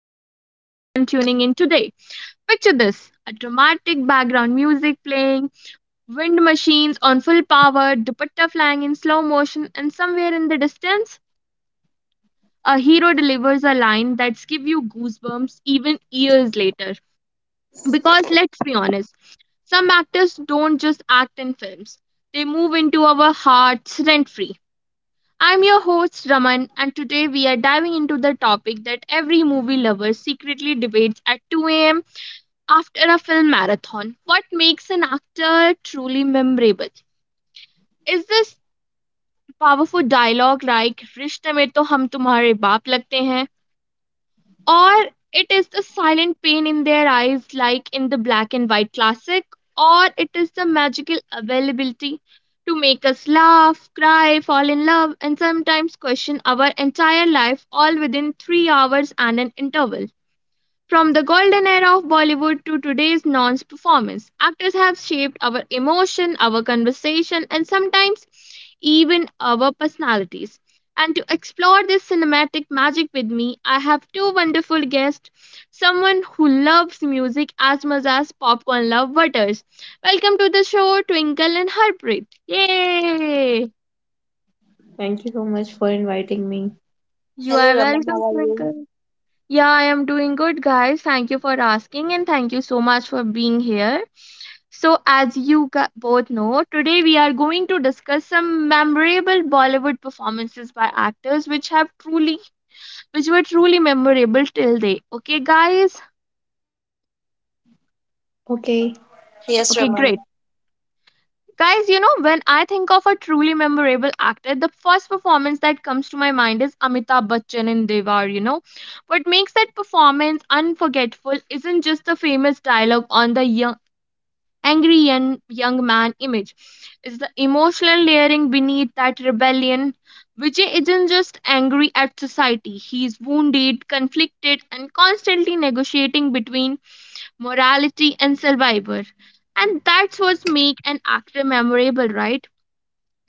to everyone tuning in today. Picture this a dramatic background music playing, wind machines on full power, dupatta flying in slow motion, and somewhere in the distance, a hero delivers a line that's give you goosebumps even years later. Because let's be honest, some actors don't just act in films, they move into our hearts rent free. I'm your host Raman, and today we are diving into the topic that every movie lover secretly debates at 2 a.m. after a film marathon. What makes an actor truly memorable? Is this powerful dialogue like "रिश्ते में तो हम तुम्हारे बाप लगते हैं", or it is the silent pain in their eyes, like in the black and white classic, or it is the magical availability to make us laugh, cry, fall in love, and sometimes question our entire life all within 3 hours and an interval. From the golden era of Bollywood to today's non performance, actors have shaped our emotion, our conversation, and sometimes even our personalities. And to explore this cinematic magic with me, I have two wonderful guests, someone who loves music as much as popcorn love butters. Welcome to the show, Twinkle and Harpreet. Yay! Thank you so much for inviting me. You Hello, are Raman. welcome, How are you? Twinkle. Yeah, I am doing good, guys. Thank you for asking and thank you so much for being here. So, as you both know, today we are going to discuss some memorable Bollywood performances by actors which were truly memorable till they. Okay, guys? Okay. Yes, Okay, great. Raman. Guys, you know, when I think of a truly memorable actor, the first performance that comes to my mind is Amitabh Bachchan in Devar, you know. What makes that performance unforgettable isn't just the famous dialogue on the young. Angry young man image. It's the emotional layering beneath that rebellion. Vijay isn't just angry at society, he's wounded, conflicted, and constantly negotiating between morality and survivor. And that's what makes an actor memorable, right?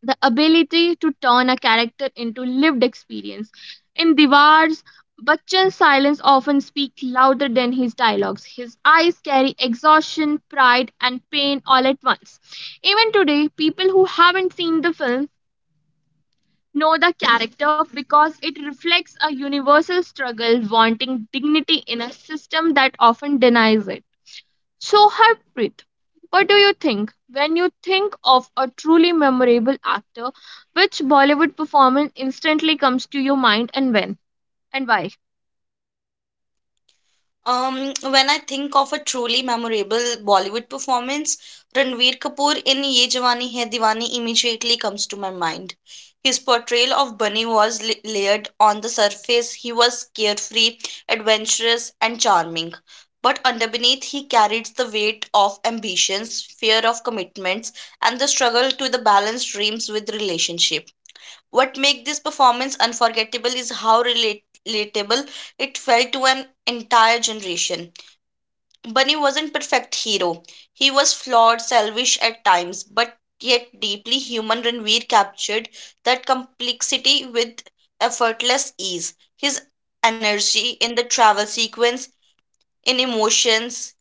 The ability to turn a character into lived experience. In Diwar's, Bachchan's silence often speaks louder than his dialogues. His eyes carry exhaustion, pride, and pain all at once. Even today, people who haven't seen the film know the character because it reflects a universal struggle wanting dignity in a system that often denies it. So, Harpreet, what do you think? When you think of a truly memorable actor, which Bollywood performance instantly comes to your mind and when and why? When I think of a truly memorable Bollywood performance, Ranveer Kapoor in Ye Jawani Hai Diwani immediately comes to my mind. His portrayal of Bunny was layered on the surface. He was carefree, adventurous, and charming. But underneath, he carried the weight of ambitions, fear of commitments, and the struggle to the balance dreams with relationship. What make this performance unforgettable is how relatable it felt to an entire generation. Bunny wasn't perfect hero. He was flawed, selfish at times, but yet deeply human Ranveer captured that complexity with effortless ease. His energy in the travel sequence, in emotions,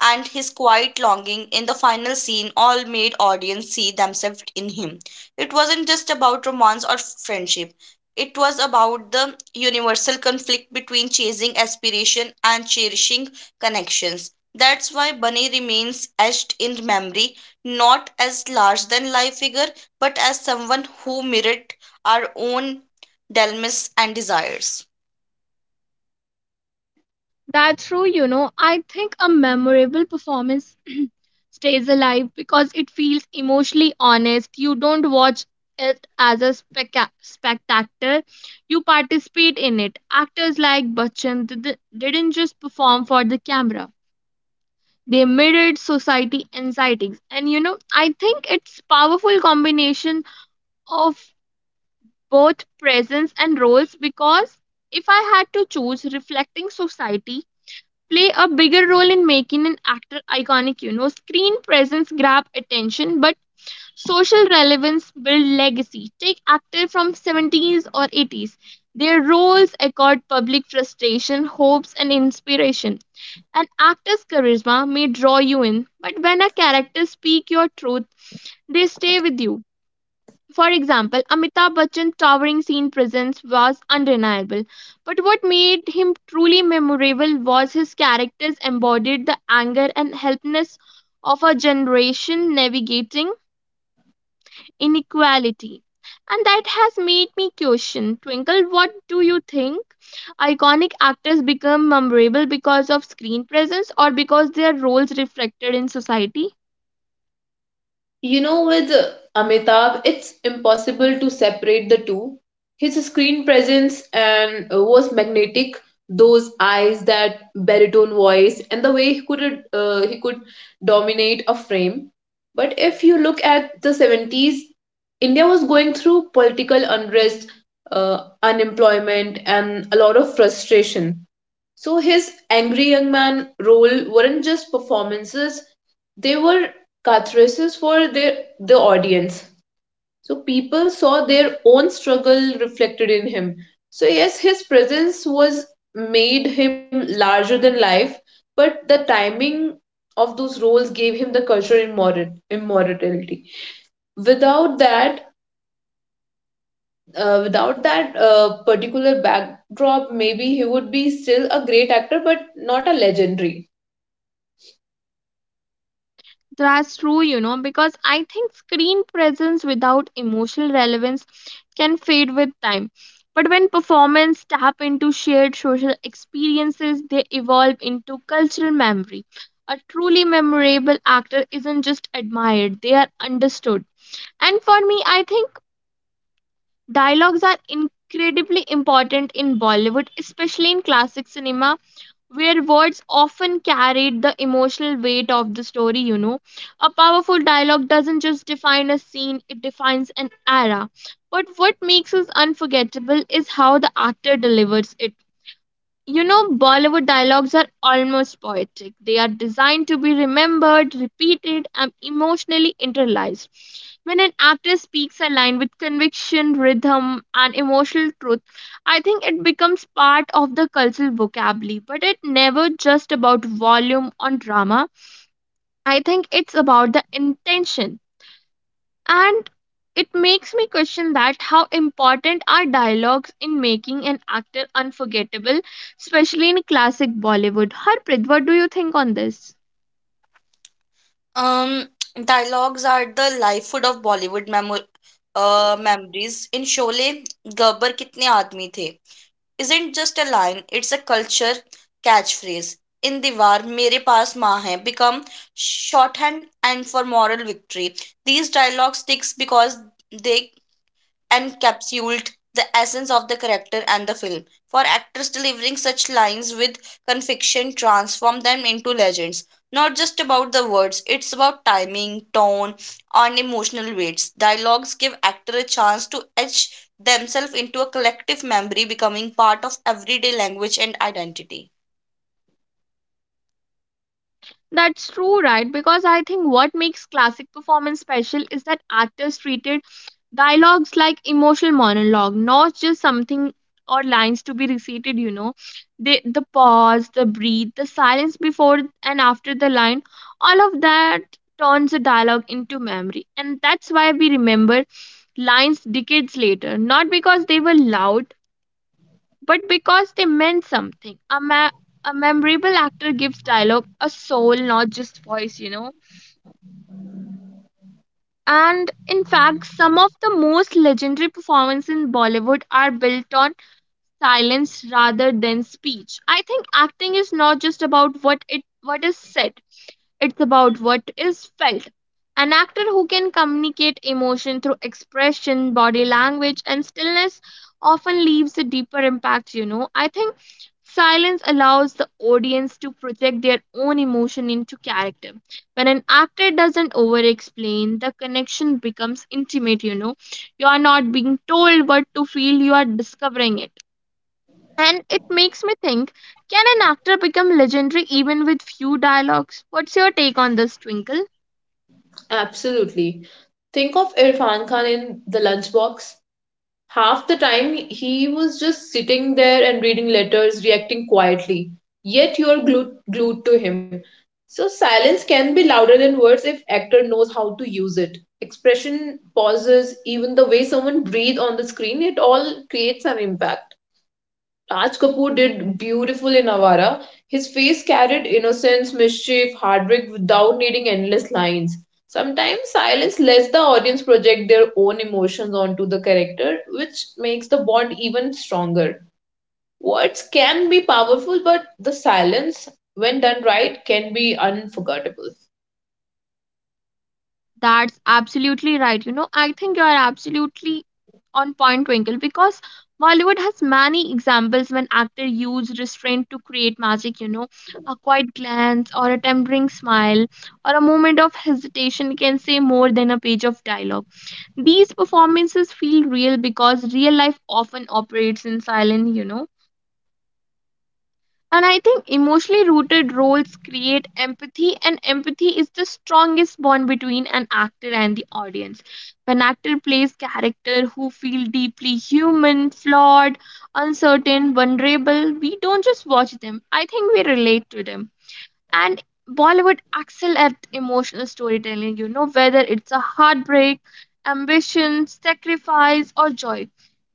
and his quiet longing in the final scene all made audience see themselves in him. It wasn't just about romance or friendship. It was about the universal conflict between chasing aspiration and cherishing connections. That's why Bunny remains etched in memory, not as large than life figure, but as someone who mirrored our own dilemmas and desires. That's true, you know. I think a memorable performance stays alive because it feels emotionally honest. You don't watch it as a spectator, you participate in it. Actors like didn't just perform for the camera, they mirrored society anxieties, and you know, I think it's powerful combination of both presence and roles. Because if I had to choose reflecting society play a bigger role in making an actor iconic, you know, screen presence grab attention, but social relevance build legacy. Take actor from 70s or 80s, their roles accord public frustration, hopes and inspiration. An actor's charisma may draw you in, but when a character speak your truth, they stay with you. For example, Amitabh Bachchan's towering scene presence was undeniable, but what made him truly memorable was his characters embodied the anger and helplessness of a generation navigating inequality. And that has made me question Twinkle, what do you think? Iconic actors become memorable because of screen presence or because their roles reflected in society? You know, with Amitabh, it's impossible to separate the two. His screen presence and was magnetic. Those eyes, that baritone voice, and the way he could dominate a frame. But if you look at the 70s, India was going through political unrest, unemployment, and a lot of frustration. So his angry young man role weren't just performances, they were catharsis for the audience. So people saw their own struggle reflected in him. So yes, his presence was made him larger than life, but the timing of those roles gave him the cultural immortality. Without that, without that particular backdrop, maybe he would be still a great actor, but not a legendary. That's true, you know, because I think screen presence without emotional relevance can fade with time. But when performance tap into shared social experiences, they evolve into cultural memory. A truly memorable actor isn't just admired, they are understood. And for me, I think dialogues are incredibly important in Bollywood, especially in classic cinema, where words often carried the emotional weight of the story, you know. A powerful dialogue doesn't just define a scene, it defines an era. But what makes it unforgettable is how the actor delivers it. You know, Bollywood dialogues are almost poetic. They are designed to be remembered, repeated, and emotionally internalized. When an actor speaks a line with conviction, rhythm, and emotional truth, I think it becomes part of the cultural vocabulary. But it's never just about volume on drama. I think it's about the intention, and it makes me question that how important are dialogues in making an actor unforgettable, especially in classic Bollywood. Harpreet, what do you think on this? Um, dialogues are the life food of Bollywood memories. In Sholay, Gabbar कितने आदमी the? Is isn't just a line, it's a culture catchphrase. In Diwar, mere पास माँ hai become shorthand and for moral victory. These dialogue sticks because they encapsuled the essence of the character and the film. For actors delivering such lines with conviction transform them into legends. Not just about the words, it's about timing, tone, and emotional weights. Dialogues give actor a chance to etch themselves into a collective memory, becoming part of everyday language and identity. That's true, right? Because I think what makes classic performance special is that actors treated dialogues like emotional monologue, not just something or lines to be repeated, you know. They, the pause, the breathe, the silence before and after the line, all of that turns a dialogue into memory. And that's why we remember lines decades later, not because they were loud, but because they meant something. A memorable actor gives dialogue a soul, not just voice, you know. And in fact, some of the most legendary performances in Bollywood are built on silence rather than speech. I think acting is not just about what is said. It's about what is felt. An actor who can communicate emotion through expression, body language and stillness often leaves a deeper impact, you know. I think silence allows the audience to project their own emotion into character. When an actor doesn't over explain, the connection becomes intimate, you know. You are not being told what to feel, you are discovering it, and it makes me think can an actor become legendary even with few dialogues? What's your take on this, Twinkle? Absolutely. Think of Irfan Khan in The Lunchbox. Half the time he was just sitting there and reading letters, reacting quietly. Yet you're glued to him. So silence can be louder than words if actor knows how to use it. Expression, pauses, even the way someone breathes on the screen, it all creates an impact. Raj Kapoor did beautiful in Avara. His face carried innocence, mischief, heartbreak without needing endless lines. Sometimes silence lets the audience project their own emotions onto the character, which makes the bond even stronger. Words can be powerful, but the silence, when done right, can be unforgettable. That's absolutely right. You know, I think you're absolutely on point, Twinkle, because Bollywood has many examples when actors use restraint to create magic, you know. A quiet glance or a tempering smile or a moment of hesitation can say more than a page of dialogue. These performances feel real because real life often operates in silence, you know. And I think emotionally rooted roles create empathy, and empathy is the strongest bond between an actor and the audience. When actor plays character who feel deeply human, flawed, uncertain, vulnerable, we don't just watch them. I think we relate to them, and Bollywood excel at emotional storytelling, you know, whether it's a heartbreak, ambition, sacrifice, or joy.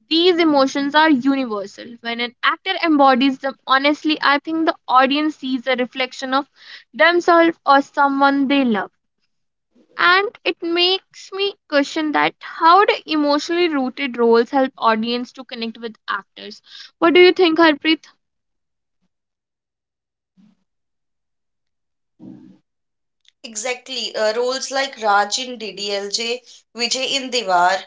These emotions are universal. When an actor embodies them honestly, I think the audience sees a reflection of themselves or someone they love. And it makes me question that how do emotionally rooted roles help audience to connect with actors? What do you think, Harpreet? Exactly. Roles like Raj in DDLJ, Vijay in Diwar,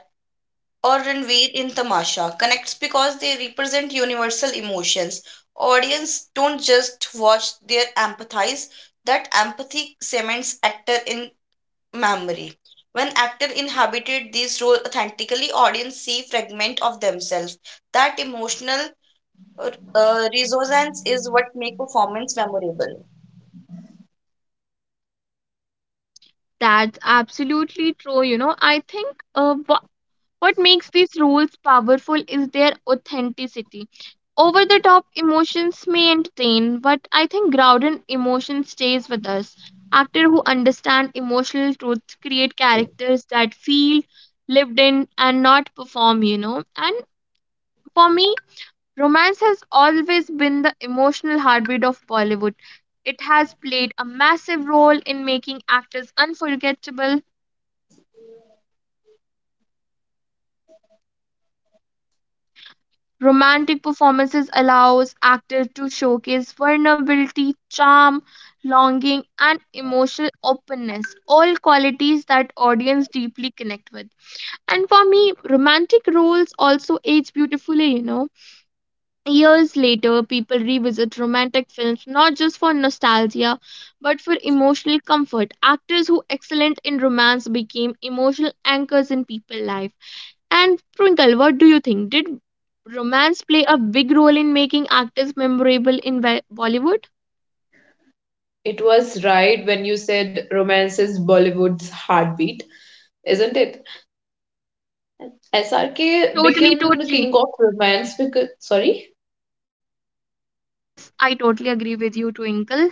or Ranveer in Tamasha connects because they represent universal emotions. Audience don't just watch, they empathize. That empathy cements actor in memory. When actor inhabited these role authentically, audience see fragment of themselves. That emotional resonance is what make performance memorable. That's absolutely true. You know, I think what makes these rules powerful is their authenticity. Over the top emotions may entertain, but I think grounded emotion stays with us. Actors who understand emotional truth create characters that feel lived in and not perform, you know. And for me, romance has always been the emotional heartbeat of Bollywood. It has played a massive role in making actors unforgettable. Romantic performances allows actors to showcase vulnerability, charm, longing and emotional openness, all qualities that audience deeply connect with. And for me, romantic roles also age beautifully, you know. Years later, people revisit romantic films not just for nostalgia but for emotional comfort. Actors who excellent in romance became emotional anchors in people's life. And Twinkle, what do you think? Did romance play a big role in making actors memorable in Bollywood? It was right when you said romance is Bollywood's heartbeat, isn't it? SRK Totally, became the totally. king of romance because, sorry? Yes, I totally agree with you, Twinkle.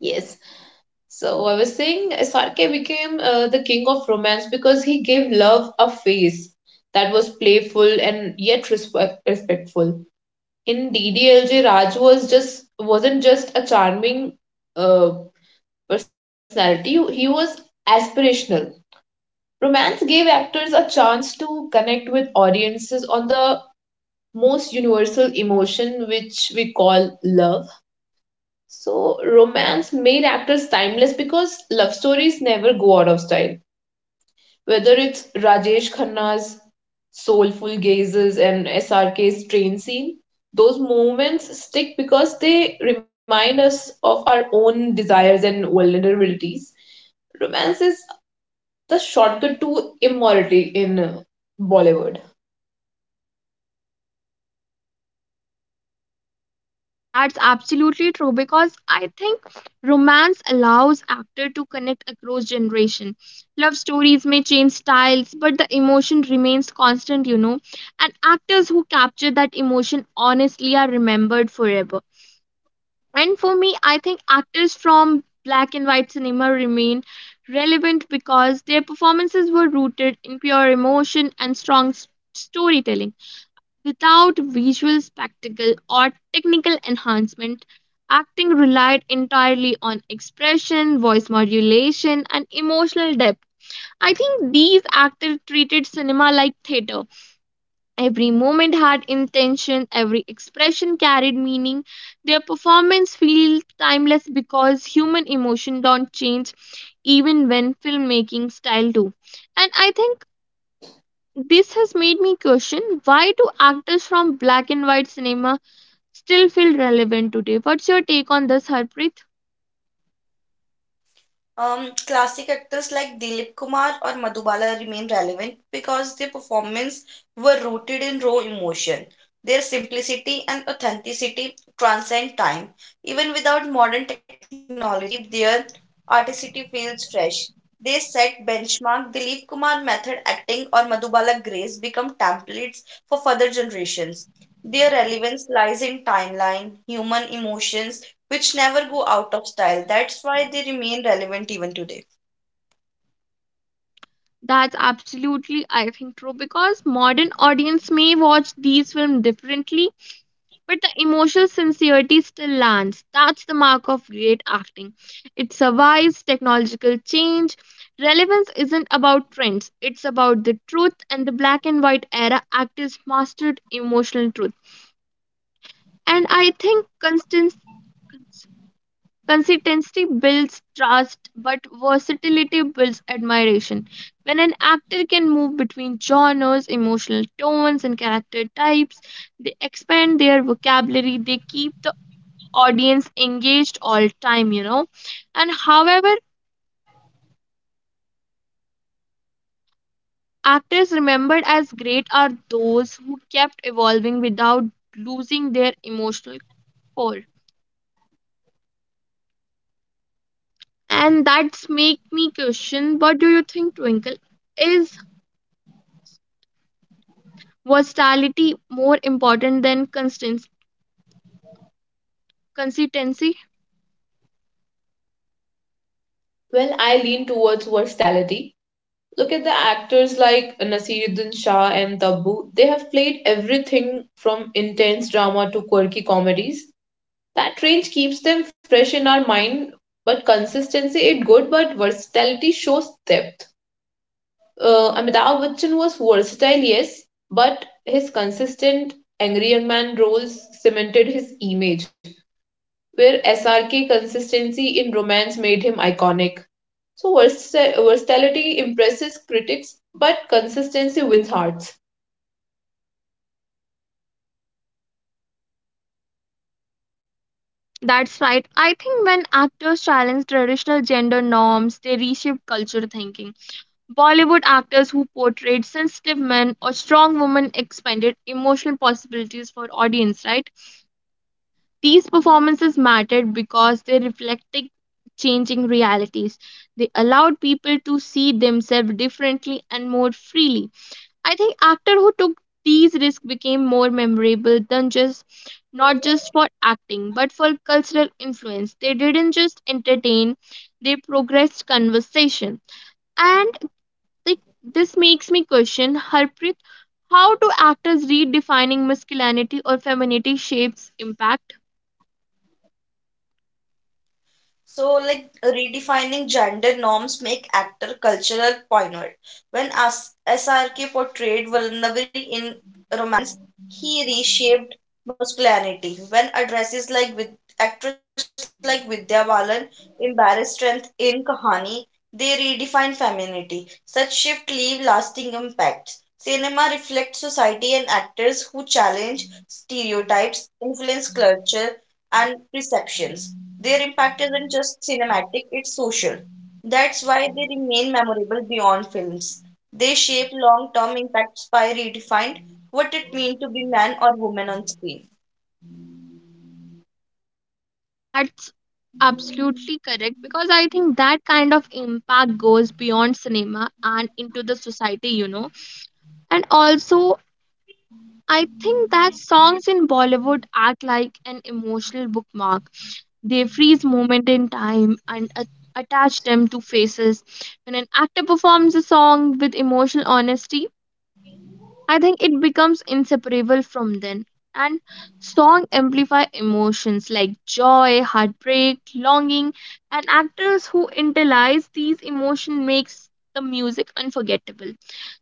Yes, so I was saying SRK became the king of romance because he gave love a face that was playful and yet respectful. In DDLJ, Raj wasn't just a charming uh, personality. He was aspirational. Romance gave actors a chance to connect with audiences on the most universal emotion, which we call love. So romance made actors timeless because love stories never go out of style. Whether it's Rajesh Khanna's soulful gazes and S R K's train scene, those moments stick because they remind us of our own desires and vulnerabilities. Romance is the shortcut to immorality in Bollywood. That's absolutely true because I think romance allows actor to connect across generation. Love stories may change styles, but the emotion remains constant, you know. And actors who capture that emotion honestly are remembered forever. And for me, I think actors from black and white cinema remain relevant because their performances were rooted in pure emotion and strong storytelling. Without visual spectacle or technical enhancement, acting relied entirely on expression, voice modulation, and emotional depth. I think these actors treated cinema like theater. Every moment had intention, every expression carried meaning. Their performance feels timeless because human emotion don't change even when filmmaking style do. And I think this has made me question why do actors from black and white cinema still feel relevant today? What's your take on this, Harpreet? Classic actors like Dilip Kumar or Madhubala remain relevant because their performances were rooted in raw emotion. Their simplicity and authenticity transcend time. Even without modern technology, their artistry feels fresh. They set benchmark Dilip Kumar method acting or Madhubala grace become templates for further generations. Their relevance lies in timeline, human emotions, which never go out of style. That's why they remain relevant even today. That's absolutely I think true because modern audience may watch these films differently, but the emotional sincerity still lands. That's the mark of great acting. It survives technological change. Relevance isn't about trends, it's about the truth, and the black and white era actors mastered emotional truth. And I think consistency builds trust, but versatility builds admiration. When an actor can move between genres, emotional tones, and character types, they expand their vocabulary, they keep the audience engaged all time, you know. And however, actors remembered as great are those who kept evolving without losing their emotional core. And that's make me question what do you think, Twinkle? Is versatility more important than consistency? consistency? Well, I lean towards versatility. Look at the actors like Nasiruddin Shah and Tabbu. They have played everything from intense drama to quirky comedies. That range keeps them fresh in our mind, but consistency is good, but versatility shows depth. Amitabh Bachchan was versatile, yes, but his consistent angry young man roles cemented his image, where SRK consistency in romance made him iconic. So versatility impresses critics, but consistency wins hearts. That's right. I think when actors challenge traditional gender norms, they reshape culture thinking. Bollywood actors who portrayed sensitive men or strong women expanded emotional possibilities for audience, right? These performances mattered because they reflected changing realities. They allowed people to see themselves differently and more freely. I think actors who took these risks became more memorable than just not just for acting but for cultural influence. They didn't just entertain, they progressed conversation. And like, this makes me question, Harpreet, how do actors redefining masculinity or femininity shapes impact? So, like redefining gender norms make actor cultural pioneer. When SRK portrayed vulnerability in romance, he reshaped masculinity. When addresses like with actress like Vidya Balan embarrassed strength in Kahani, they redefine femininity. Such shift leave lasting impacts. Cinema reflects society and actors who challenge stereotypes, influence culture and perceptions. Their impact isn't just cinematic, it's social. That's why they remain memorable beyond films. They shape long term impacts by redefined what it means to be man or woman on screen. That's absolutely correct because I think that kind of impact goes beyond cinema and into the society. And also, I think that songs in Bollywood act like an emotional bookmark. They freeze moment in time and attach them to faces. When an actor performs a song with emotional honesty, I think it becomes inseparable from then. And song amplify emotions like joy, heartbreak, longing, and actors who internalize these emotions makes the music unforgettable.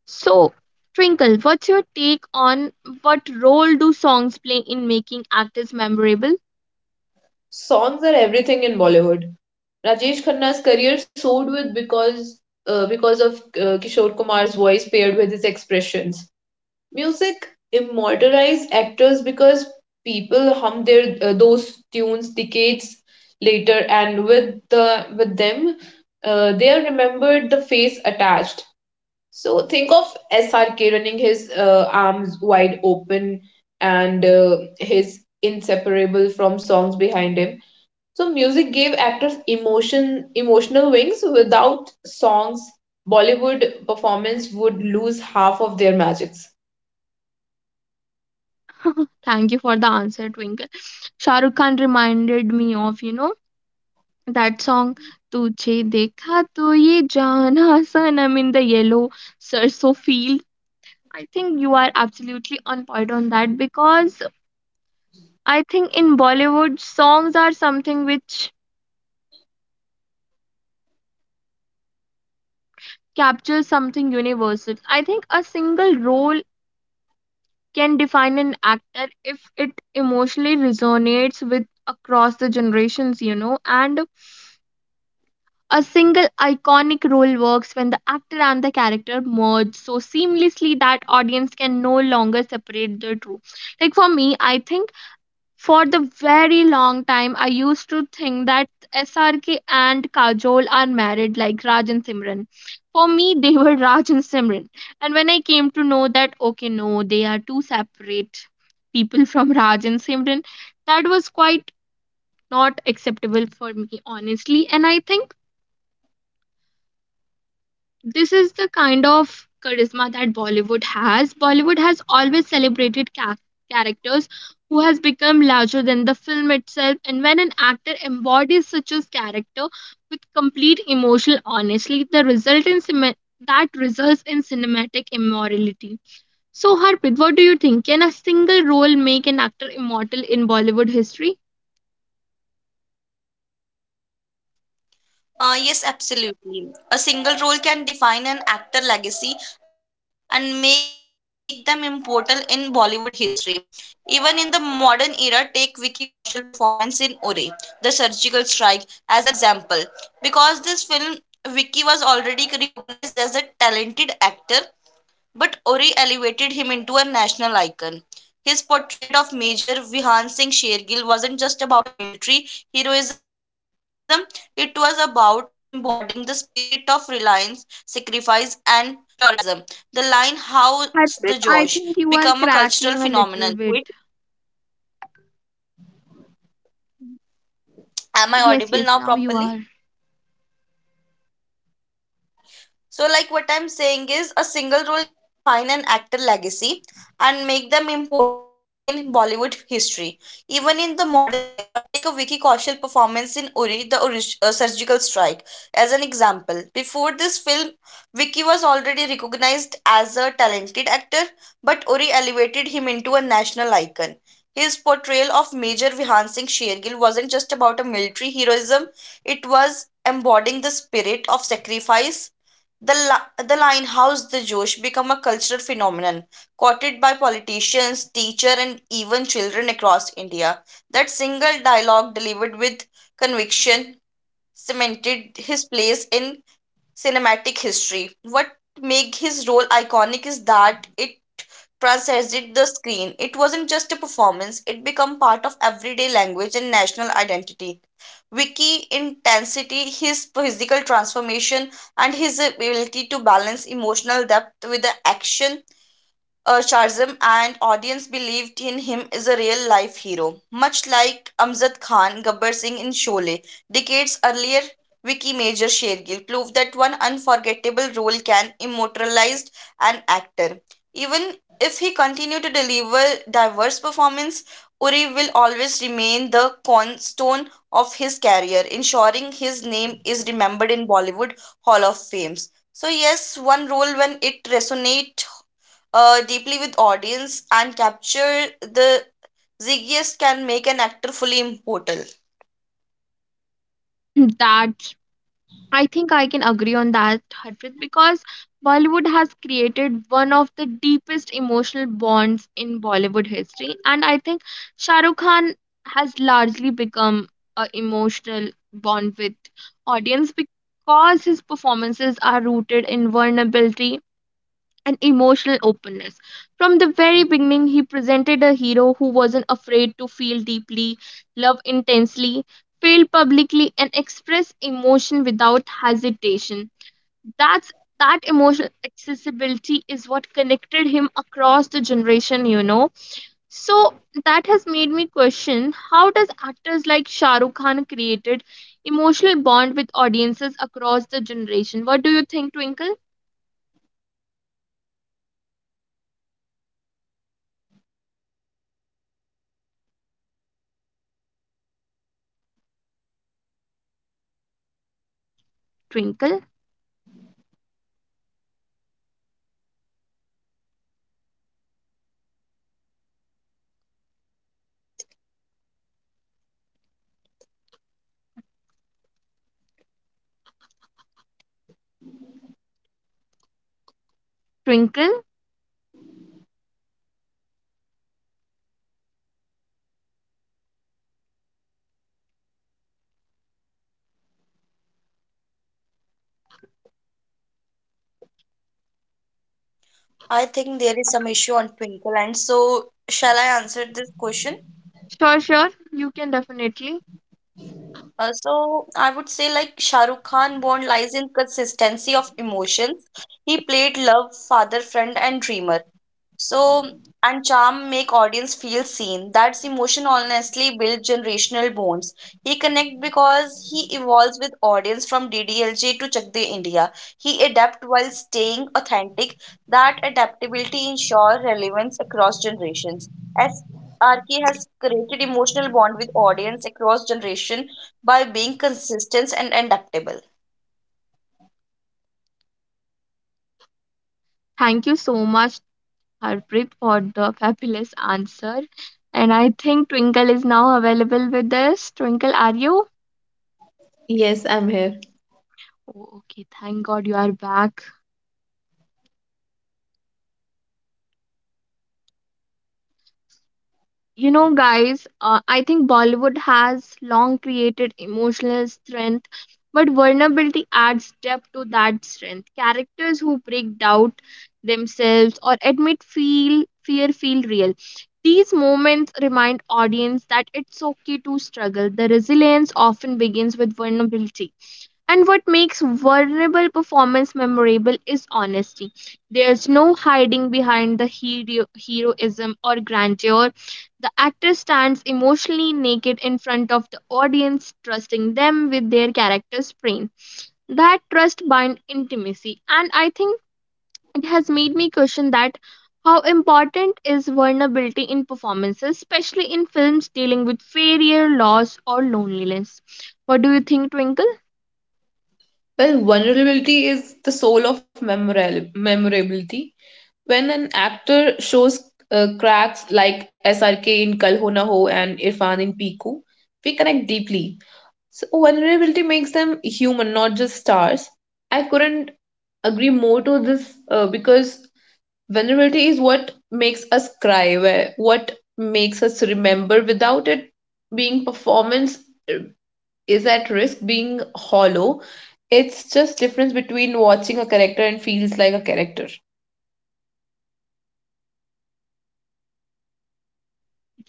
So, Twinkle, what's your take on what role do songs play in making actors memorable? Songs are everything in Bollywood. Rajesh Khanna's career soared with because of Kishore Kumar's voice paired with his expressions. Music immortalized actors because people hum their those tunes decades later, and with them, they are remembered the face attached. So think of SRK running his arms wide open and his inseparable from songs behind him. So music gave actors emotional wings. Without songs, Bollywood performance would lose half of their magics. Thank you for the answer, Twinkle. Shahrukh Khan reminded me of, you know, that song tujhe dekha to ye jana sanam in the yellow sarso field. I think you are absolutely on point on that because I think in Bollywood songs are something which captures something universal. I think a single role can define an actor if it emotionally resonates with across the generations, you know. And a single iconic role works when the actor and the character merge so seamlessly that audience can no longer separate the two. Like for me, I think for the very long time I used to think that SRK and Kajol are married like Raj and Simran. For me, they were Raj and Simran. And when I came to know that okay, no, they are two separate people from Raj and Simran, that was quite not acceptable for me honestly. And I think this is the kind of charisma that Bollywood has. Bollywood has always celebrated characters who has become larger than the film itself. And when an actor embodies such a character with complete emotional honesty, the result in cine- that results in cinematic immorality. So Harpreet, what do you think? Can a single role make an actor immortal in Bollywood history? Yes, absolutely. A single role can define an actor legacy and make them immortal in Bollywood history. Even in the modern era, take Vicky Kaushal performance in Uri, The Surgical Strike, as an example. Because this film, Vicky was already recognized as a talented actor but Ori elevated him into a national icon. His portrait of Major Vihan Singh Shergill wasn't just about a military heroism, it was about embodying the spirit of reliance, sacrifice, and prioritism. The line, How's Harpreet, the I think Josh, you are become a cracking cultural a little phenomenon. bit. Wait, am I Yes, audible yes, now now you properly? are. So, like what I'm saying is, a single role can define an actor legacy and make them immortal in Bollywood history. Even in the modern era, take a Vicky Kaushal performance in Uri, the Surgical Strike, as an example. Before this film, Vicky was already recognized as a talented actor, but Uri elevated him into a national icon. His portrayal of Major Vihan Singh Shergill wasn't just about a military heroism; it was embodying the spirit of sacrifice the, the Linehouse the Josh become a cultural phenomenon, quoted by politicians, teachers, and even children across India. That single dialogue, delivered with conviction, cemented his place in cinematic history. What made his role iconic is that it transcended the screen. It wasn't just a performance, it became part of everyday language and national identity. Wiki intensity, his physical transformation, and his ability to balance emotional depth with the action Sharzam and audience believed in him as a real life hero, much like Amjad Khan, Gabbar Singh in Sholay. Decades earlier, Vicky Major Shergill proved that one unforgettable role can immortalize an actor. Even if he continued to deliver diverse performance, Uri will always remain the cornerstone of his career, ensuring his name is remembered in Bollywood Hall of Fames. So yes, one role when it resonates deeply with audience and capture the ziggiest can make an actor fully immortal. That I think I can agree on that, Harpreet, because Bollywood has created one of the deepest emotional bonds in Bollywood history. And I think Shah Rukh Khan has largely become a emotional bond with audience because his performances are rooted in vulnerability and emotional openness. From the very beginning, he presented a hero who wasn't afraid to feel deeply, love intensely, fail publicly, and express emotion without hesitation. That's that emotional accessibility is what connected him across the generation, you know. So that has made me question how does actors like Shah Rukh Khan created emotional bond with audiences across the generation? What do you think, Twinkle? Twinkle? Twinkle? I think there is some issue on Twinkle and so shall I answer this question. Sure, sure. You can definitely. So I would say like Shah Rukh Khan born lies in consistency of emotions. He played love, father, friend, and dreamer. So and charm make audience feel seen. That's emotion honestly build generational bonds. He connect because he evolves with audience from DDLJ to Chak De India. He adapt while staying authentic. That adaptability ensures relevance across generations. As RK has created emotional bond with audience across generation by being consistent and adaptable Thank you so much, Harpreet, for the fabulous answer. And I think Twinkle is now available with us. Twinkle, are you? Yes, I'm here. Oh, okay, thank God you are back. You know guys, I think Bollywood has long created emotional strength, but vulnerability adds depth to that strength. Characters who break doubt themselves or admit feel fear feel real. These moments remind audience that it's okay to struggle. The resilience often begins with vulnerability, and what makes vulnerable performance memorable is honesty. There's no hiding behind the heroism or grandeur. The actor stands emotionally naked in front of the audience, trusting them with their character's brain. That trust binds intimacy, and I think it has made me question that how important is vulnerability in performances, especially in films dealing with failure, loss, or loneliness. What do you think, Twinkle? Well, vulnerability is the soul of memorability. When an actor shows cracks like SRK in Kal Ho Na Ho and Irfan in Piku, we connect deeply. So vulnerability makes them human, not just stars. I couldn't agree more to this because vulnerability is what makes us cry, where what makes us remember. Without it, being performance is at risk, being hollow. It's just difference between watching a character and feels like a character.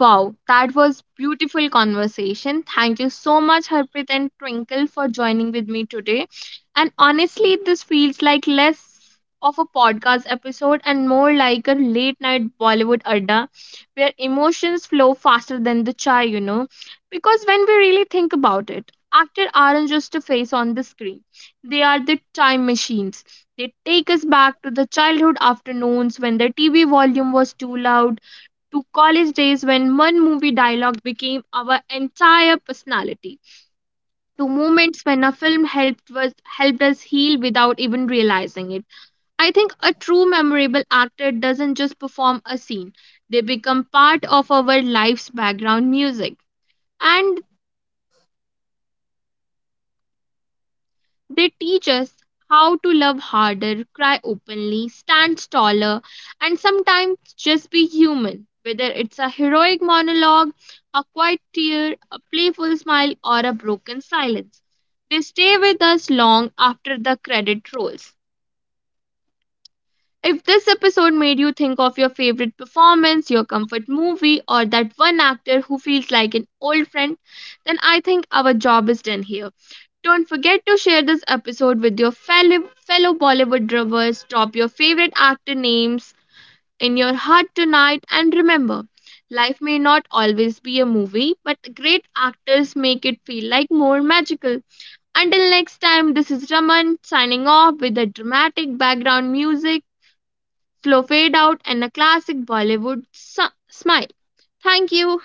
Wow, that was beautiful conversation. Thank you so much, Harpreet and Twinkle, for joining with me today. And honestly, this feels like less of a podcast episode and more like a late night Bollywood adda where emotions flow faster than the chai, you know. Because when we really think about it, actors aren't just a face on the screen. They are the time machines. They take us back to the childhood afternoons when the TV volume was too loud, to college days when one movie dialogue became our entire personality, to moments when a film helped us heal without even realizing it. I think a true memorable actor doesn't just perform a scene, they become part of our life's background music. And they teach us how to love harder, cry openly, stand taller, and sometimes just be human. Whether it's a heroic monologue, a quiet tear, a playful smile, or a broken silence, they stay with us long after the credit rolls. If this episode made you think of your favorite performance, your comfort movie, or that one actor who feels like an old friend, then I think our job is done here. Don't forget to share this episode with your fellow Bollywood lovers. Drop your favorite actor names in your heart tonight. And remember, life may not always be a movie, but great actors make it feel like more magical. Until next time, this is Raman signing off with a dramatic background music, slow fade out, and a classic Bollywood smile. Thank you.